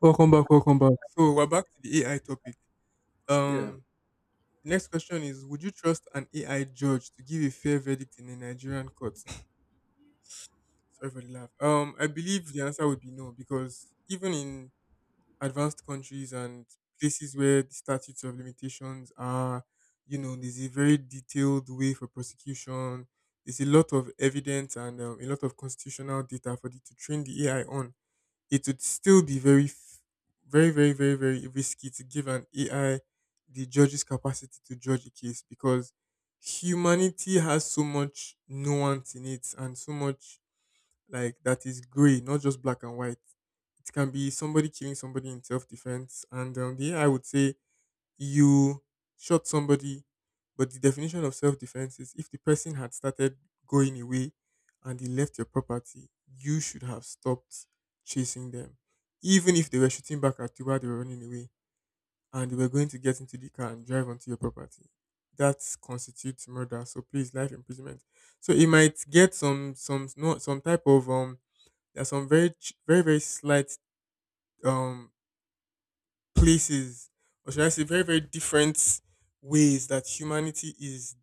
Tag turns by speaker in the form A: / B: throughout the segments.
A: Welcome back, welcome back. So we're back to the AI topic.
B: Yeah.
A: Um, the next question is: would you trust an AI judge to give a fair verdict in a Nigerian court? Sorry for the laugh. I believe the answer would be no, because even in advanced countries and places where the statutes of limitations are, you know, there's a very detailed way for prosecution. There's a lot of evidence and a lot of constitutional data for to train the AI on, it would still be very, very, very, very, very risky to give an AI the judge's capacity to judge a case because humanity has so much nuance in it and so much like that is gray, not just black and white. It can be somebody killing somebody in self defense, and the AI would say you shot somebody, but the definition of self defense is if the person had started going away and they left your property, you should have stopped chasing them. Even if they were shooting back at you while they were running away and they were going to get into the car and drive onto your property, that constitutes murder. So please, life imprisonment. So it might get some no, some type of there's some very very very slight um places, or should I say, very very different ways that humanity is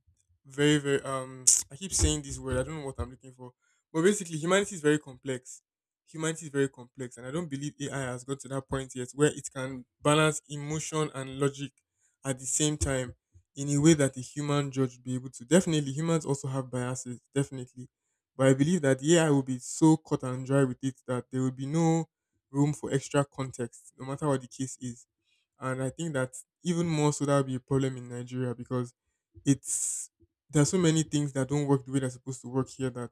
A: very very I keep saying this word. I don't know what I'm looking for, but basically, humanity is very complex. Humanity is very complex, and I don't believe AI has got to that point yet where it can balance emotion and logic at the same time in a way that a human judge would be able to. Definitely, humans also have biases. Definitely, but I believe that the AI will be so cut and dry with it that there will be no room for extra context, no matter what the case is. And I think that even more so, that would be a problem in Nigeria because it's there are so many things that don't work the way they're supposed to work here, that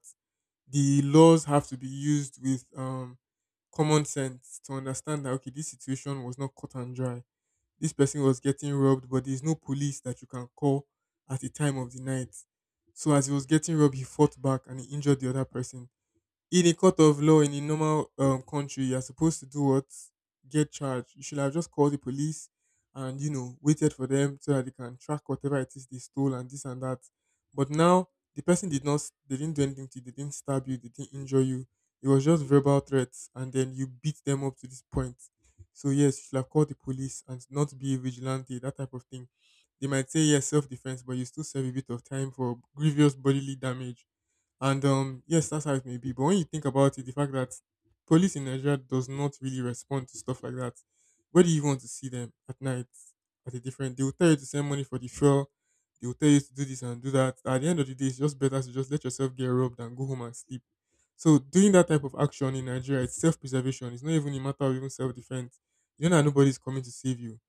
A: the laws have to be used with common sense to understand that okay, this situation was not cut and dry. This person was getting robbed, but there's no police that you can call at the time of the night. So as he was getting robbed, he fought back and he injured the other person. In a court of law in a normal country, you're supposed to do what? Get charged. You should have just called the police and, you know, waited for them so that they can track whatever it is they stole and this and that. But now, the person did not, s- they didn't do anything to you, they didn't stab you, they didn't injure you. It was just verbal threats and then you beat them up to this point. So, yes, you should have called the police and not be a vigilante, that type of thing. They might say, yes, self defense, but you still serve a bit of time for grievous bodily damage and yes, that's how it may be. But when you think about it, the fact that police in Nigeria does not really respond to stuff like that. Where do you want to see them at night at a different? They will tell you to send money for the fuel. They will tell you to do this and do that. At the end of the day, it's just better to just let yourself get robbed and go home and sleep. So doing that type of action in Nigeria, it's self-preservation. It's not even a matter of even self-defense. You know that nobody's coming to save you.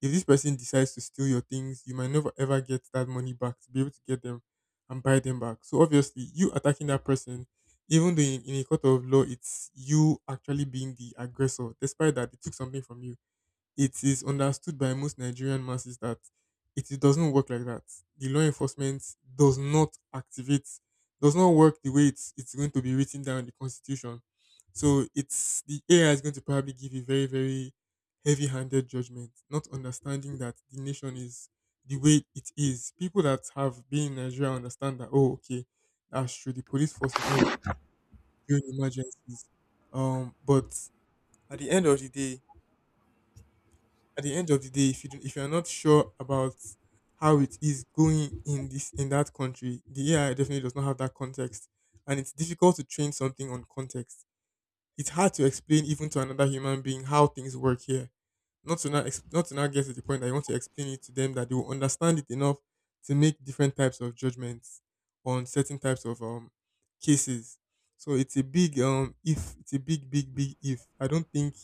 A: If this person decides to steal your things, you might never ever get that money back to be able to get them and buy them back. So obviously, you attacking that person, even though in a court of law, it's you actually being the aggressor, despite that they took something from you, it is understood by most Nigerian masses that it doesn't work like that. The law enforcement does not activate, does not work the way it's going to be written down in the constitution. So it's the AI is going to probably give a very very heavy-handed judgment, not understanding that the nation is the way it is. People that have been in Nigeria understand that. Oh, okay, that's true. The police force is not during emergencies. But at the end of the day, at the end of the day, if you are not sure about how it is going in this in that country, the AI definitely does not have that context, and it's difficult to train something on context. It's hard to explain even to another human being how things work here. Not to now get to the point that you want to explain it to them that they will understand it enough to make different types of judgments on certain types of cases. So it's a big if, it's a big big big if. I don't think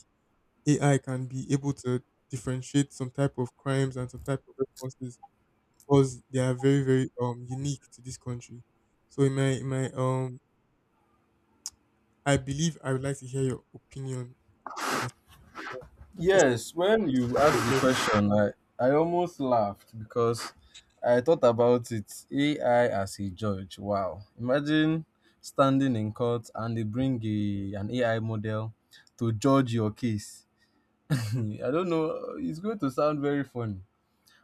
A: AI can be able to differentiate some type of crimes and some type of responses because they are very, very unique to this country. So in my, I believe I would like to hear your opinion as well. Just like
B: Yes, when
A: to
B: you
A: give you
B: asked the
A: flavor.
B: question, I almost laughed because I thought about it. AI as a judge. Wow. Imagine standing in court and they bring an AI model to judge your case. I don't know. It's going to sound very funny.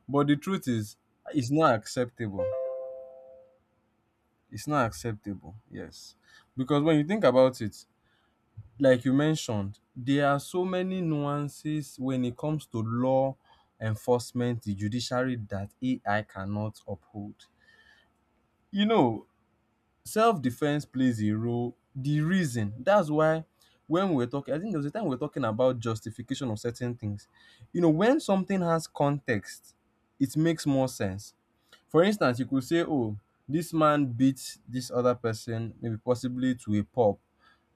B: But the truth is, it's not acceptable. It's not acceptable. Yes. Because when you think about it, like you mentioned, there are so many nuances when it comes to law enforcement, the judiciary that AI cannot uphold. You know, self-defense plays a role. The reason that's why when we're talking, I think there was a time we were talking about justification of certain things. You know, when something has context, it makes more sense. For instance, you could say, "Oh, this man beat this other person, maybe possibly to a pulp."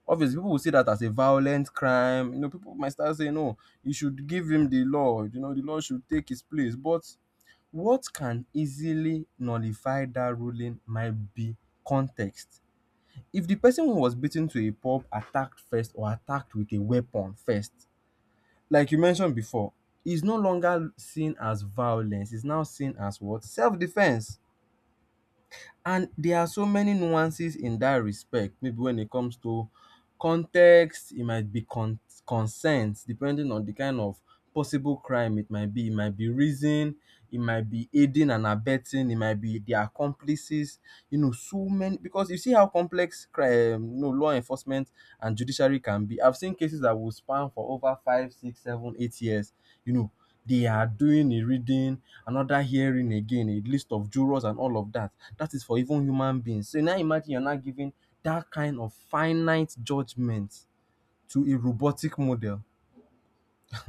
B: Obviously, people will see that as a violent crime. You know, people might start saying, "No, you should give him the law. You know, the law should take his place." But what can easily nullify that ruling might be context. If the person who was beaten to a pulp attacked first or attacked with a weapon first, like you mentioned before, is no longer seen as violence. It's now seen as what? Self-defense. And there are so many nuances in that respect, maybe when it comes to context, it might be consent, depending on the kind of possible crime it might be. It might be reason, it might be aiding and abetting, it might be their accomplices, you know, so many. Because you see how complex crime, you know, law enforcement and judiciary can be. I've seen cases that will span for over five, six, seven, eight years, you know. They are doing a reading, another hearing again, a list of jurors and all of that. That is for even human beings. So now imagine you're now giving that kind of finite judgement to a robotic model.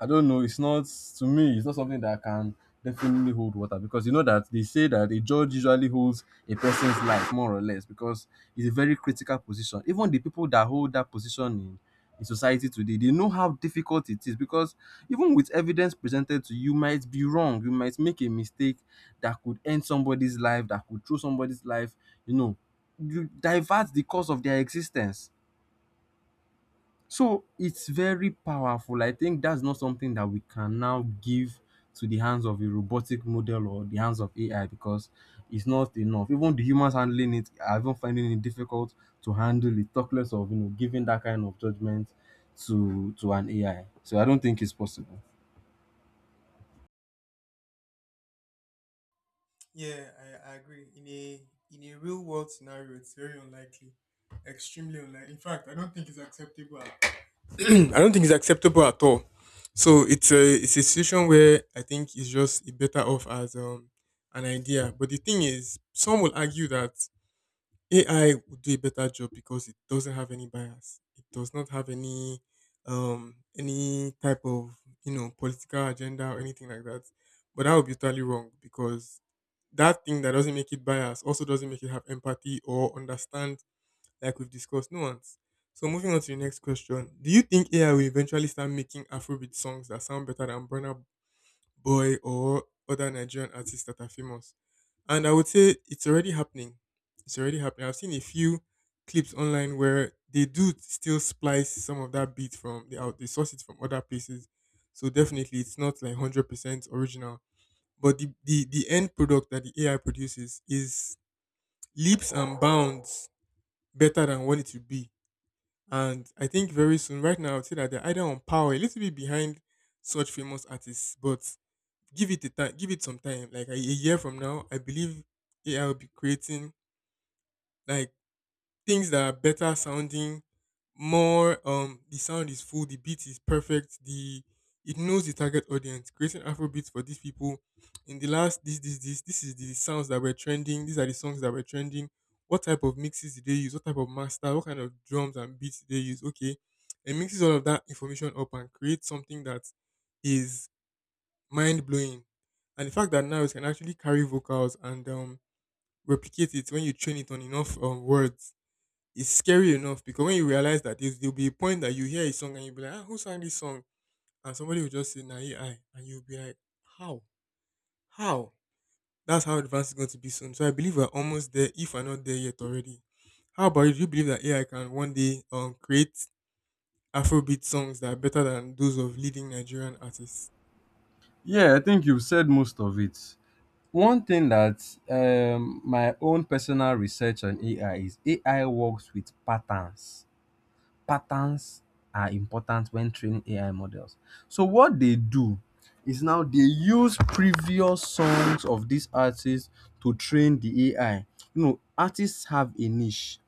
B: I don't know. It's not to me. It's not something that can definitely hold water because you know that they say that a judge usually holds a person's life more or less because it's a very critical position. Even the people that hold that position in society today, they know how difficult it is because even with evidence presented to you, you might be wrong. You might make a mistake that could end somebody's life, that could throw somebody's life. You know, you divert the course of their existence, so it's very powerful. I think that's not something that we can now give to the hands of a robotic model or the hands of AI because it's not enough. Even the humans handling it are even finding it difficult to handle it, talk less of, you know, giving that kind of judgment to an AI. So I don't think it's possible.
A: Yeah, I agree. In a real world scenario, it's very unlikely, extremely unlikely. In fact, I don't think it's acceptable. At I don't think it's acceptable at all. So it's a situation where I think it's just it better off as an idea. But the thing is, some will argue that AI would do a better job because it doesn't have any bias. It does not have any type of, you know, political agenda or anything like that. But that would be totally wrong because that thing that doesn't make it bias also doesn't make it have empathy or understand, like we've discussed, nuance. So moving on to the next question. Do you think AI will eventually start making Afrobeat songs that sound better than Burna Boy or other Nigerian artists that are famous? And I would say it's already happening. It's already happening. I've seen a few clips online where they do still splice some of that beat from they source it from other places. So definitely it's not like 100% original. But the end product that the AI produces is leaps and bounds better than what it would be, and I think very soon, right now, I would say that they're either on power, a little bit behind such famous artists, but give it a time, give it some time. Like a year from now, I believe AI will be creating like things that are better sounding, more the sound is full, the beat is perfect, the it knows the target audience. Creating Afrobeats for these people in the last, this is the sounds that were trending, these are the songs that were trending. What type of mixes did they use? What type of master? What kind of drums and beats did they use? Okay. It mixes all of that information up and creates something that is mind blowing. And the fact that now it can actually carry vocals and replicate it when you train it on enough words, it's scary enough because when you realize that there'll be a point that you hear a song and you'll be like, ah, who sang this song? And somebody will just say, nah, AI. And you'll be like, how? How? That's how advanced it's going to be soon. So I believe we're almost there if we're not there yet already. How about you? Do you believe that AI can one day create Afrobeat songs that are better than those of leading Nigerian artists?
B: Yeah, I think you've said most of it. One thing that my own personal research on AI is AI works with patterns. Patterns are important when training AI models. So what they do is now they use previous songs of these artists to train the AI. You know, artists have a niche.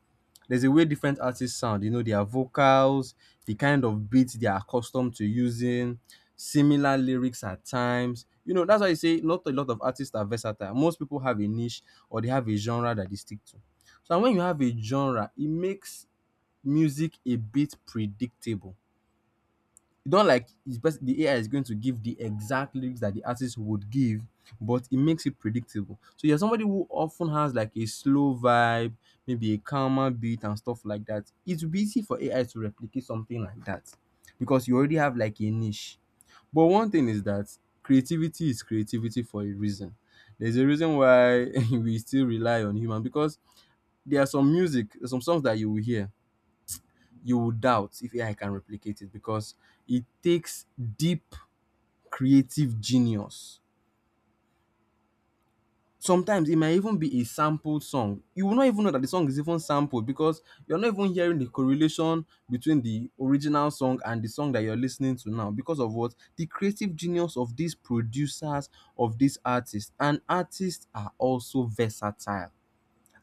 B: There's a way different artists sound, you know, their vocals, the kind of beats they are accustomed to using, similar lyrics at times. You know, that's why you say not a lot of artists are versatile. Most people have a niche or they have a genre that they stick to. So and when you have a genre, it makes music a bit predictable. It's not like it's best the AI is going to give the exact lyrics that the artist would give, but it makes it predictable. So you're somebody who often has like a slow vibe, maybe a calmer beat and stuff like that. It would be easy for AI to replicate something like that because you already have like a niche. But one thing is that creativity is creativity for a reason. There's a reason why we still rely on human because there are some music, some songs that you will hear, you would doubt if AI can replicate it because it takes deep creative genius. Sometimes it might even be a sampled song. You will not even know that the song is even sampled because you're not even hearing the correlation between the original song and the song that you're listening to now because of what the creative genius of these producers, of these artists, and artists are also versatile.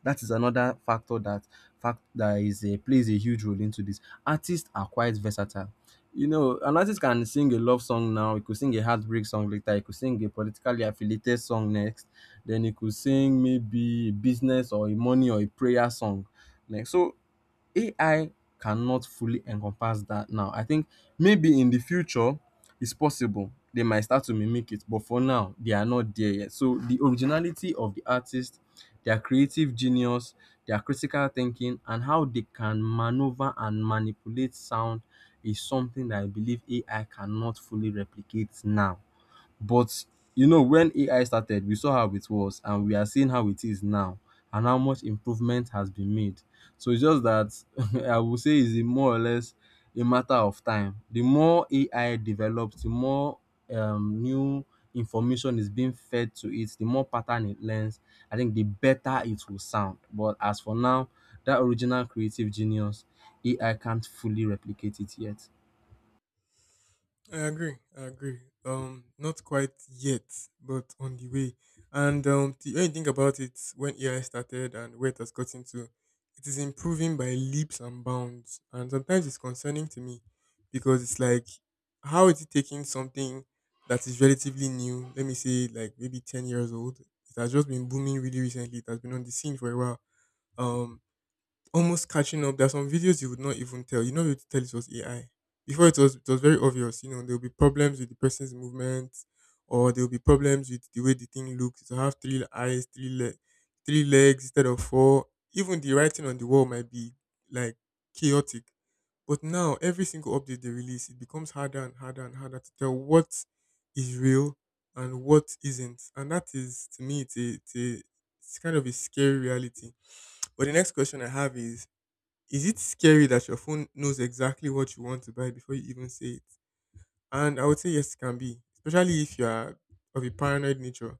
B: That is another factor that fact that plays a huge role into this. Artists are quite versatile. You know, an artist can sing a love song now, he could sing a heartbreak song later, he could sing a politically affiliated song next, then he could sing maybe a business or a money or a prayer song next. So AI cannot fully encompass that now. I think maybe in the future it's possible they might start to mimic it, but for now they are not there yet. So the originality of the artist, their creative genius, their critical thinking, and how they can maneuver and manipulate sound is something that I believe AI cannot fully replicate now. But you know when AI started we saw how it was and we are seeing how it is now and how much improvement has been made. So it's just that I would say it's a more or less a matter of time. The more AI develops, the more new information is being fed to it, the more pattern it learns, I think the better it will sound. But as for now, that original creative genius, AI can't fully replicate it yet.
A: I agree. I agree. Not quite yet, but on the way. And the only thing about it, when AI started and where it has gotten to, it is improving by leaps and bounds. And sometimes it's concerning to me because it's like, how is it taking something that is relatively new? Let me say, like maybe 10 years old. It has just been booming really recently. It has been on the scene for a while. Um, almost catching up. There are some videos you would not even tell. You know, you tell it was AI. Before it was very obvious. You know, there will be problems with the person's movement, or there will be problems with the way the thing looks. It will have three eyes, three leg, three legs instead of four. Even the writing on the wall might be like chaotic. But now, every single update they release, it becomes harder and harder and harder to tell what is real and what isn't. And that is, to me, it's kind of a scary reality. But the next question I have is it scary that your phone knows exactly what you want to buy before you even say it? And I would say yes, it can be, especially if you are of a paranoid nature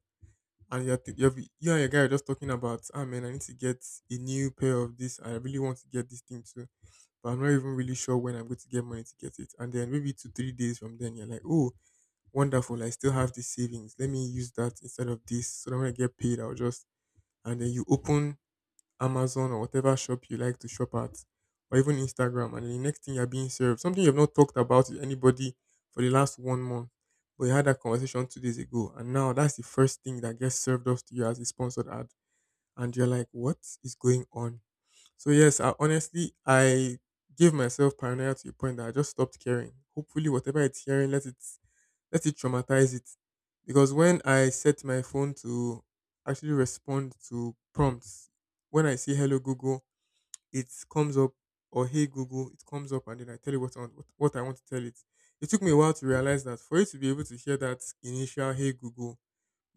A: and you and your guy are just talking about, ah man, I need to get a new pair of this. I really want to get this thing too, but I'm not even really sure when I'm going to get money to get it. And then maybe 2 or 3 days from then, you're like, oh, wonderful, I still have this savings. Let me use that instead of this. So that when I get paid, I'll just and then you open Amazon or whatever shop you like to shop at, or even Instagram, and then the next thing you're being served, something you've not talked about with anybody for the last one month, but you had that conversation 2 days ago, and now that's the first thing that gets served up to you as a sponsored ad, and you're like, what is going on? So yes, honestly, I gave myself paranoia to a point that I just stopped caring. Hopefully, whatever it's hearing, let it traumatize it. Because when I set my phone to actually respond to prompts, when I say hello Google, it comes up, or hey Google, it comes up, and then I tell it what I want, what I want to tell it. It took me a while to realize that for it to be able to hear that initial hey Google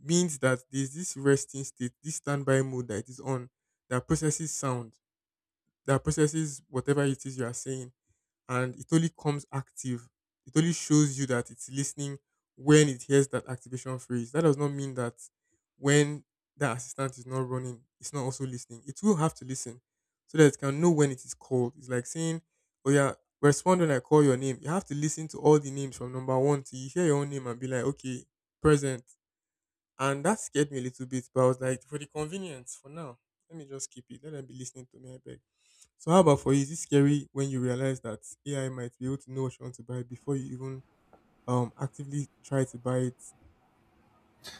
A: means that there's this resting state, this standby mode that it is on that processes sound, that processes whatever it is you are saying and it only comes active. It only shows you that it's listening when it hears that activation phrase. That does not mean that when that assistant is not running, it's not also listening. It will have to listen so that it can know when it is called. It's like saying, oh yeah, respond when I call your name. You have to listen to all the names from number one till you hear your own name and be like, okay, present. And that scared me a little bit, but I was like, for the convenience, for now, let me just keep it. Let them be listening to me, I beg. So how about for you? Is it scary when you realize that AI might be able to know what you want to buy before you even actively try to buy it?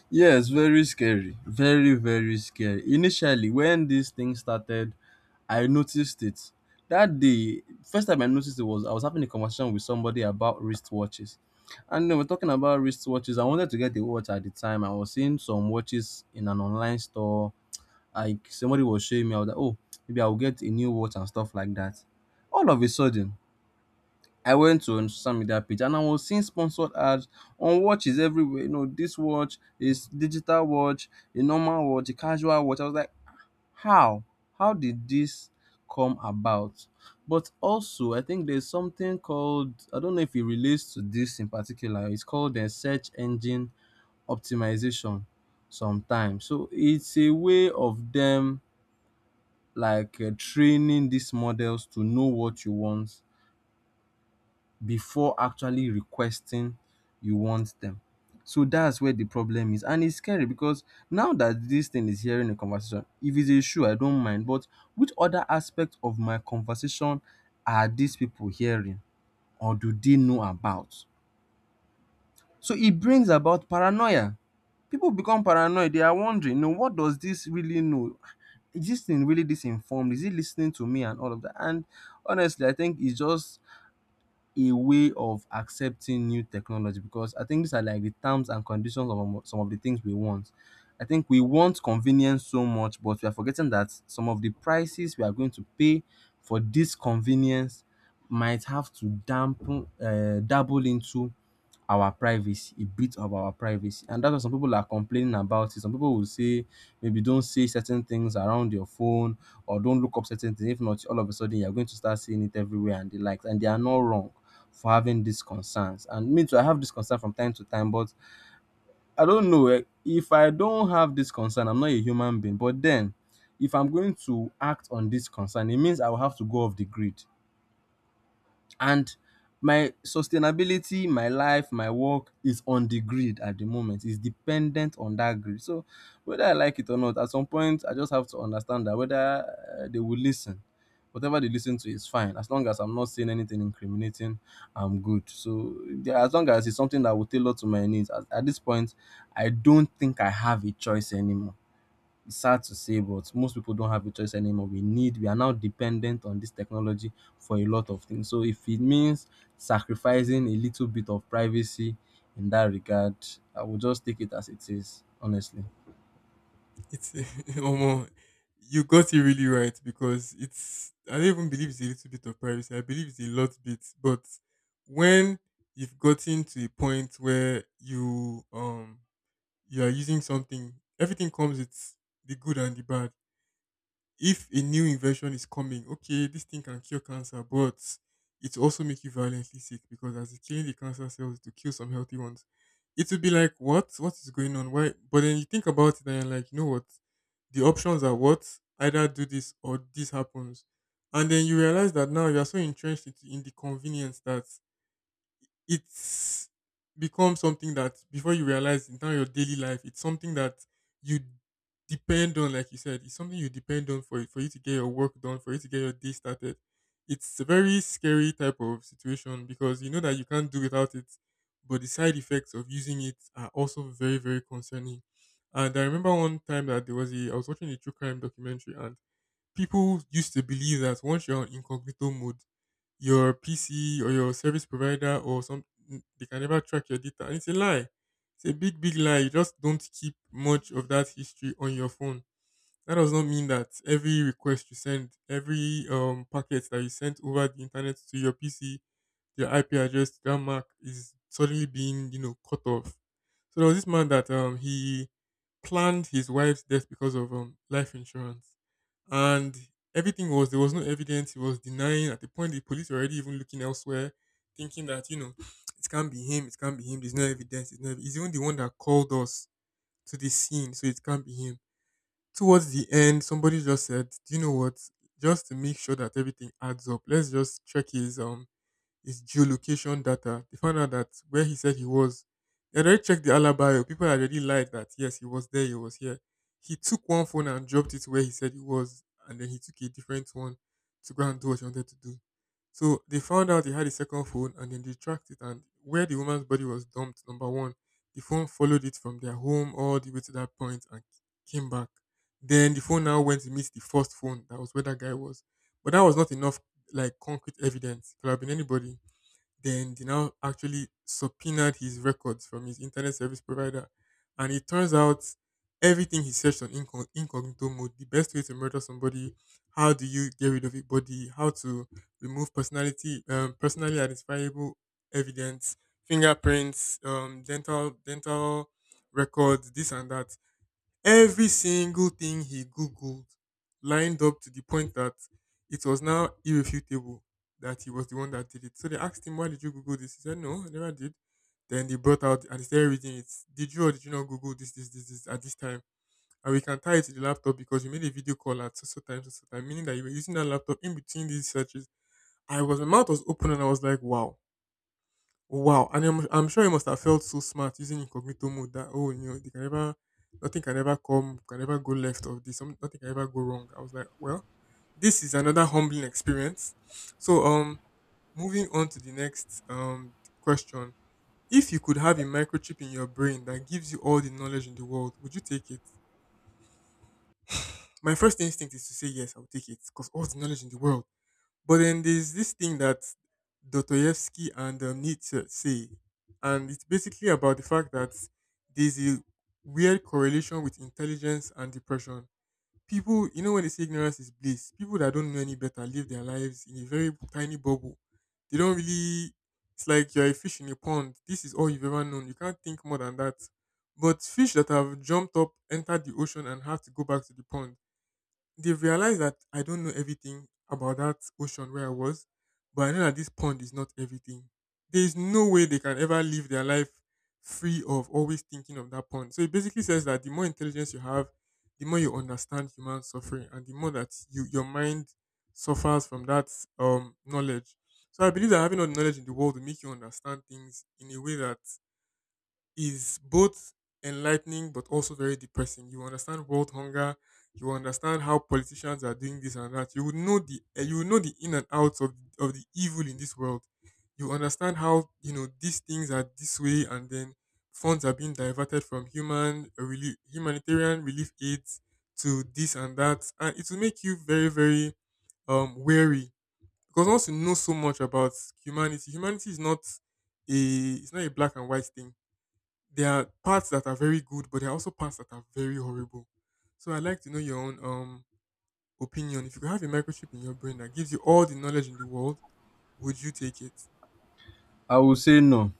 B: Yes, very scary. Very, very scary. Initially, when this thing started, I noticed it. That day, first time I noticed it was I was having a conversation with somebody about wristwatches. And they were talking about wristwatches. I wanted to get a watch at the time. I was seeing some watches in an online store. Like somebody was showing me, I was like, oh, maybe I'll get a new watch and stuff like that. All of a sudden, I went to on social media page and I was seeing sponsored ads on watches everywhere. You know, this watch is digital watch, a normal watch, a casual watch. I was like, how? How did this come about? But also, I think there's something called, I don't know if it relates to this in particular. It's called the search engine optimization. Sometimes, so it's a way of them like training these models to know what you want before actually requesting you want them. So that's where the problem is. And it's scary because now that this thing is hearing a conversation, if it's a shoe, I don't mind. But which other aspect of my conversation are these people hearing or do they know about? So it brings about paranoia. People become paranoid. They are wondering, no, what does this really know? Is this thing really disinformed? Is it listening to me and all of that? And honestly, I think it's just a way of accepting new technology because I think these are like the terms and conditions of some of the things we want. I think we want convenience so much, but we are forgetting that some of the prices we are going to pay for this convenience might have to dampen, dabble into our privacy, a bit of our privacy. And that's what some people are complaining about. It. Some people will say, maybe don't say certain things around your phone or don't look up certain things. If not, all of a sudden you're going to start seeing it everywhere and the likes. And they are not wrong for having these concerns. And me too, I have this concern from time to time, but I don't know eh, if I don't have this concern, I'm not a human being. But then, if I'm going to act on this concern, it means I will have to go off the grid and my sustainability, my life, my work is on the grid at the moment. It's dependent on that grid. So whether I like it or not, at some point I just have to understand that whether they will listen. Whatever they listen to is fine. As long as I'm not saying anything incriminating, I'm good. So yeah, as long as it's something that will tailor to my needs, at this point, I don't think I have a choice anymore. It's sad to say, but most people don't have a choice anymore. We are now dependent on this technology for a lot of things. So if it means sacrificing a little bit of privacy in that regard, I will just take it as it is, honestly.
A: It's almost you got it really right because it's I don't even believe it's a little bit of privacy. I believe it's a lot bit, but when you've gotten to a point where you are using something, everything comes with the good and the bad if a new invention is coming, okay, this thing can cure cancer, but it will also make you violently sick because as it's killing the cancer cells to kill some healthy ones, it will be like, what? What is going on? Why? But then you think about it and you're like, you know what? The options are what? Either do this or this happens. And then you realize that now you are so entrenched into- in the convenience that it's become something that before you realize in terms of your daily life, it's something that you depend on, like you said, it's something you depend on for you to get your work done, for you to get your day started. It's a very scary type of situation because you know that you can't do without it, but the side effects of using it are also very, very concerning. And I remember one time that there was a I was watching a true crime documentary and people used to believe that once you're on incognito mode, your PC or your service provider or some n- they can never track your data. And it's a lie. It's a big, big lie. You just don't keep much of that history on your phone. That does not mean that every request you send, every packet that you sent over the internet to your PC, your IP address, to that mark is suddenly being, you know, cut off. So there was this man that he planned his wife's death because of life insurance and everything was there was no evidence. He was denying at the point the police were already even looking elsewhere, thinking that you know it can't be him. There's no evidence. It's not, he's even the one that called us to the scene, so it can't be him. Towards the end, somebody just said, "Do you know what? Just to make sure that everything adds up, let's just check his geolocation data." They found out that where he said he was, they had already checked the alibi. People had already lied that yes, he was there, he was here. He took one phone and dropped it where he said he was, and then he took a different one to go and do what he wanted to do. So they found out he had a second phone, and then they tracked it. And where the woman's body was dumped, number one, the phone followed it from their home all the way to that point and came back. Then the phone now went to meet the first phone. That was where that guy was. But that was not enough like concrete evidence. Could have been anybody. Then they now actually subpoenaed his records from his internet service provider, and it turns out everything he searched on incognito mode. The best way to murder somebody, how do you get rid of a body, how to remove personality, personally identifiable evidence, fingerprints, dental dental records, this and that. Every single thing he Googled lined up to the point that it was now irrefutable that he was the one that did it. So they asked him, why did you Google this? He said, no, I never did. Then they brought out and they started reading it. Did you or did you not Google this, this, this, this at this time? And we can tie it to the laptop because you made a video call at so so time, meaning that you were using that laptop in between these searches. I was my mouth was open and I was like, wow. Wow! And I'm sure he must have felt so smart using incognito mode that oh, you know, they can never, nothing can ever come, can ever go left of this, nothing can ever go wrong. I was like, well, this is another humbling experience. So, moving on to the next question: if you could have a microchip in your brain that gives you all the knowledge in the world, would you take it? My first instinct is to say yes, I would take it because all the knowledge in the world. But then there's this thing that Dostoevsky and Nietzsche say, and it's basically about the fact that there's a weird correlation with intelligence and depression. People, you know, when they say ignorance is bliss, people that don't know any better live their lives in a very tiny bubble. They don't really. It's like you're a fish in a pond. This is all you've ever known. You can't think more than that. But fish that have jumped up, entered the ocean, and have to go back to the pond they've realized that I don't know everything about that ocean where I was, but I know that this pond is not everything. There is no way they can ever live their life free of always thinking of that pond. So it basically says that the more intelligence you have, the more you understand human suffering, and the more that your mind suffers from that knowledge. So I believe that having all the knowledge in the world will make you understand things in a way that is both enlightening but also very depressing. You understand world hunger, you understand how politicians are doing this and that. You would know the you would know the in and outs of the evil in this world. You understand how you know these things are this way, and then funds are being diverted from human relief, humanitarian relief aids to this and that, and it will make you very wary because once you know so much about humanity, humanity is not a it's not a black and white thing. There are parts that are very good, but there are also parts that are very horrible. So I'd like to know your own opinion. If you could have a microchip in your brain that gives you all the knowledge in the world, would you take it?
B: I will say no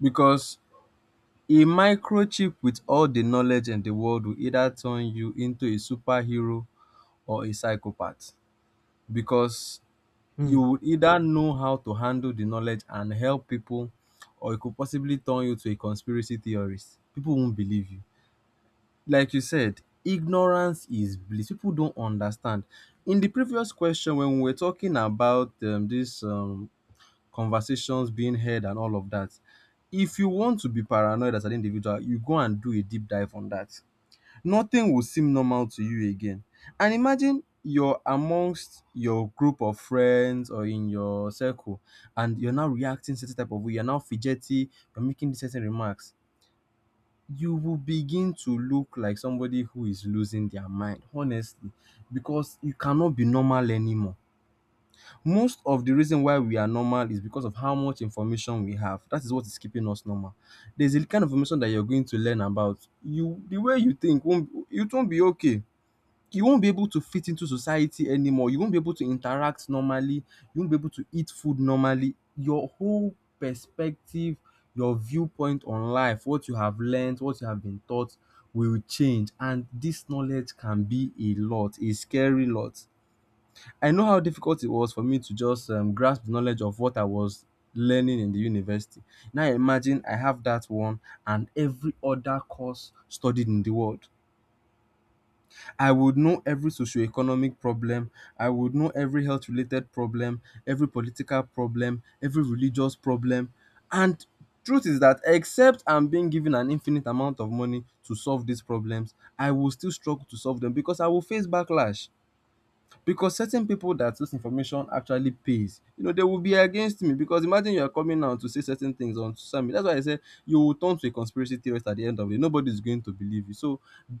B: because a microchip with all the knowledge in the world will either turn you into a superhero or a psychopath because you
A: Hmm.
B: would either know how to handle the knowledge and help people, or it could possibly turn you to a conspiracy theorist. People won't believe you. Like you said, ignorance is bliss. People don't understand. In the previous question, when we were talking about these conversations being heard and all of that, if you want to be paranoid as an individual, you go and do a deep dive on that. Nothing will seem normal to you again. And imagine you're amongst your group of friends or in your circle and you're now reacting certain type of way, you're now fidgety, you're making certain remarks. You will begin to look like somebody who is losing their mind, honestly, because you cannot be normal anymore. Most of the reason why we are normal is because of how much information we have. That is what is keeping us normal. There's a kind of information that you're going to learn about. You the way you think won't it won't be okay, you won't be able to fit into society anymore. You won't be able to interact normally. You won't be able to eat food normally. Your whole perspective, your viewpoint on life, what you have learned, what you have been taught will change. And this knowledge can be a lot, a scary lot. I know how difficult it was for me to just grasp the knowledge of what I was learning in the university. Now imagine I have that one and every other course studied in the world. I would know every socio-economic problem, I would know every health related problem, every political problem, every religious problem, and truth is that except I'm being given an infinite amount of money to solve these problems, I will still struggle to solve them because I will face backlash. Because certain pipu that dis information actually pays, you know, they will be against me because imagine you are coming out to say certain things on social media. That's why I say you will turn to a conspiracy theorist at the end of the day. Nobody is going to believe you. So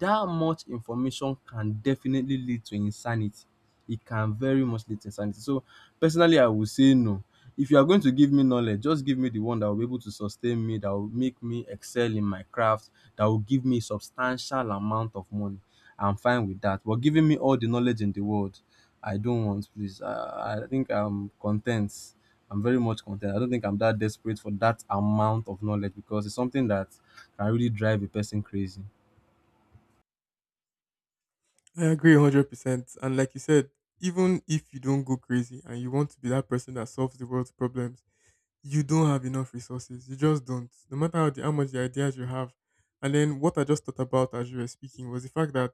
B: that much information can definitely lead to insanity. It can very much lead to insanity. So personally, I would say no. If you are going to give me knowledge, just give me the one that will be able to sustain me, that will make me excel in my craft, that will give me substantial amount of money. I'm fine with that. But giving me all the knowledge in the world, I don't want, please. I think I'm content. I'm very much content. I don't think I'm that desperate for that amount of knowledge because it's something that can really drive a person crazy.
A: I agree 100%. And like you said, even if you don't go crazy and you want to be that person that solves the world's problems, you don't have enough resources. You just don't. No matter how, how much the ideas you have. And then what I just thought about as you were speaking was the fact that,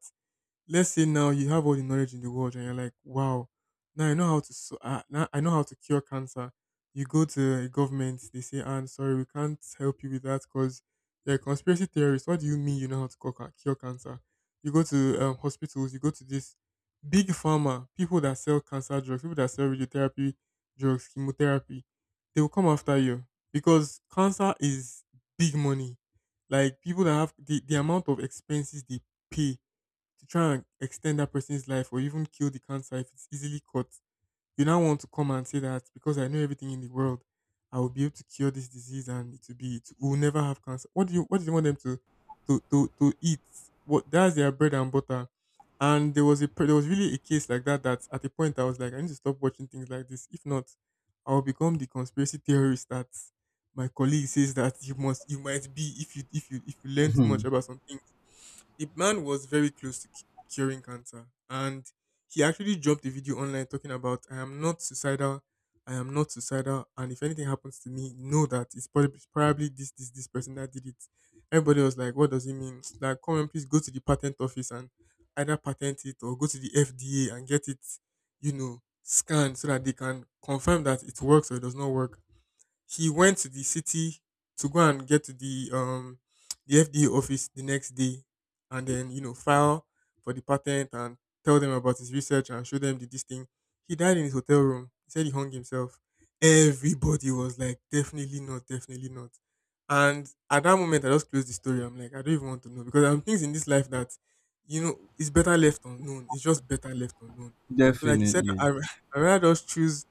A: let's say now you have all the knowledge in the world and you're like, wow, now I know how to now I know how to cure cancer. You go to a government, they say, "Ah, I'm sorry, we can't help you with that because you're a conspiracy theorist. What do you mean you know how to cure cure cancer?" You go to hospitals, you go to this big pharma, people that sell cancer drugs, people that sell radiotherapy drugs, chemotherapy. They will come after you because cancer is big money. Like, people that have the amount of expenses they pay to try and extend that person's life or even kill the cancer if it's easily caught, you now want to come and say that because I know everything in the world, I will be able to cure this disease and it will never have cancer. What do you, want them to eat? What That's their bread and butter. And there was a there was really a case like that, that at a point I was like, I need to stop watching things like this. If not, I'll become the conspiracy theorist that my colleague says that you must, you might be, if you learn too much about something. The man was very close to curing cancer, and he actually dropped a video online talking about, I am not suicidal, I am not suicidal, and if anything happens to me, know that it's probably, probably this person that did it. Everybody was like, what does it mean? Like, come on, please go to the patent office and either patent it or go to the FDA and get it, you know, scanned so that they can confirm that it works or it does not work. She went to the city to go and get to the FDA office the next day and then, you know, file for the patent and tell them about his research and show them the this thing. He died in his hotel room. He said he hung himself. Everybody was like, definitely not, definitely not. And at that moment, I just closed the story. I'm like, I don't even want to know, because there are things in this life that, you know, it's better left unknown. It's just better left unknown. So, like you said,
B: Definitely.
A: I, I rather just choose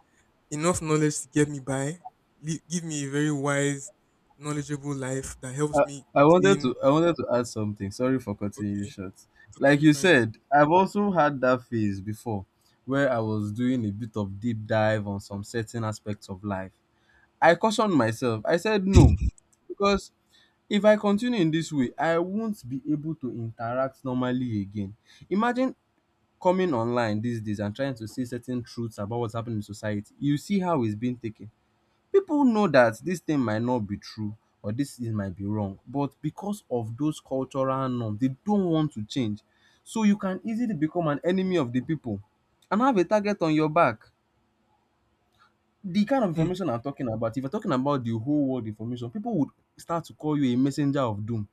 A: enough knowledge to get me by, give me a very wise, knowledgeable life that helps me gain.
B: I wanted to add something. Sorry for cutting you
A: Okay,
B: short. Like
A: totally
B: you
A: fine.
B: said, I've also had that phase before where I was doing a bit of deep dive on some certain aspects of life. I cautioned myself. I said no because if I continue in this way, I won't be able to interact normally again. Imagine coming online these days and trying to see certain truths about what's happening in society. You see how it's been taken, people know that this thing might not be true or this thing might be wrong, but because of those cultural norms they don't want to change, so you can easily become an enemy of the people and have a target on your back. The kind of
A: Hmm.
B: information I'm talking about, if you're talking about the whole world information, people would start to call you a messenger of doom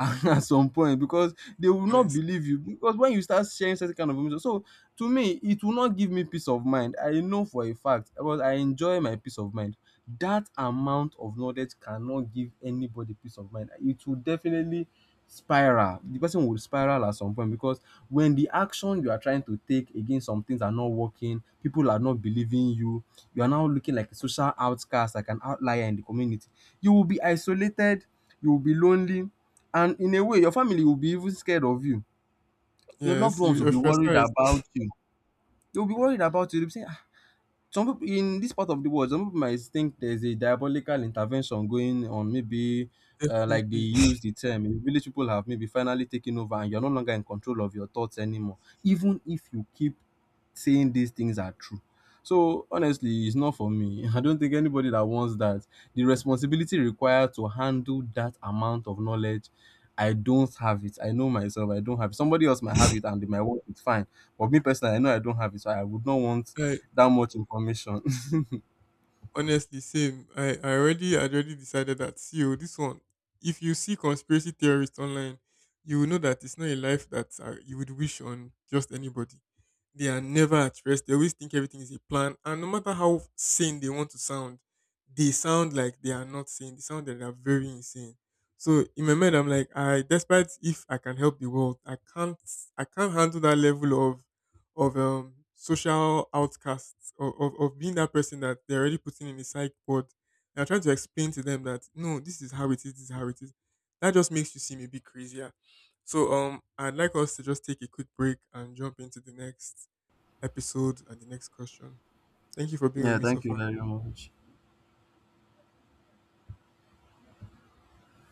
B: at some point, because they will not
A: Honest.
B: believe you because when you start sharing certain kind of information. So to me it will not give me peace of mind, I know for a fact because I enjoy my peace of mind. That amount of knowledge cannot give anybody peace of mind, it will definitely spiral, the person will spiral at some point because when the action you are trying to take against some things are not working, people are not believing you, you are now looking like a social outcast, like an outlier in the community. You will be isolated, you will be lonely. And in a way, your family will be even scared of you. Your loved
A: Yes,
B: ones
A: you
B: will be worried
A: ostracized.
B: about you. They'll be worried about you. They'll be saying, ah, some people in this part of the world, some people might think there's a diabolical intervention going on. Maybe, like they
A: Definitely.
B: use the term, maybe village people have maybe finally taken over and you're no longer in control of your thoughts anymore. Even if you keep saying these things are true. So honestly, it's not for me. I don't think anybody that wants that. The responsibility required to handle that amount of knowledge, I don't have it. I know myself, I don't have it. Somebody else might have it and they might work it fine. But me personally, I know I don't have it, so I would not want
A: Like,
B: that much information.
A: honestly, same. I already decided that, see oh, this one. If you see conspiracy theorists online, you will know that it's not a life that you would wish on just anybody. They are never at rest. They always think everything is a plan, and no matter how sane they want to sound, they sound like they are not sane. They sound like they are very insane. So in my mind, I'm like, I, despite if I can help the world, I can't, I can't handle that level of social outcasts, of being that person that they're already putting in the psych ward. And I try to explain to them that, no, this is how it is, this is how it is. That just makes you seem a bit crazier. So I'd like us to just take a quick break and jump into the next episode and the next question. Thank you for being with
B: Yeah,
A: me so
B: thank you
A: far.
B: very much.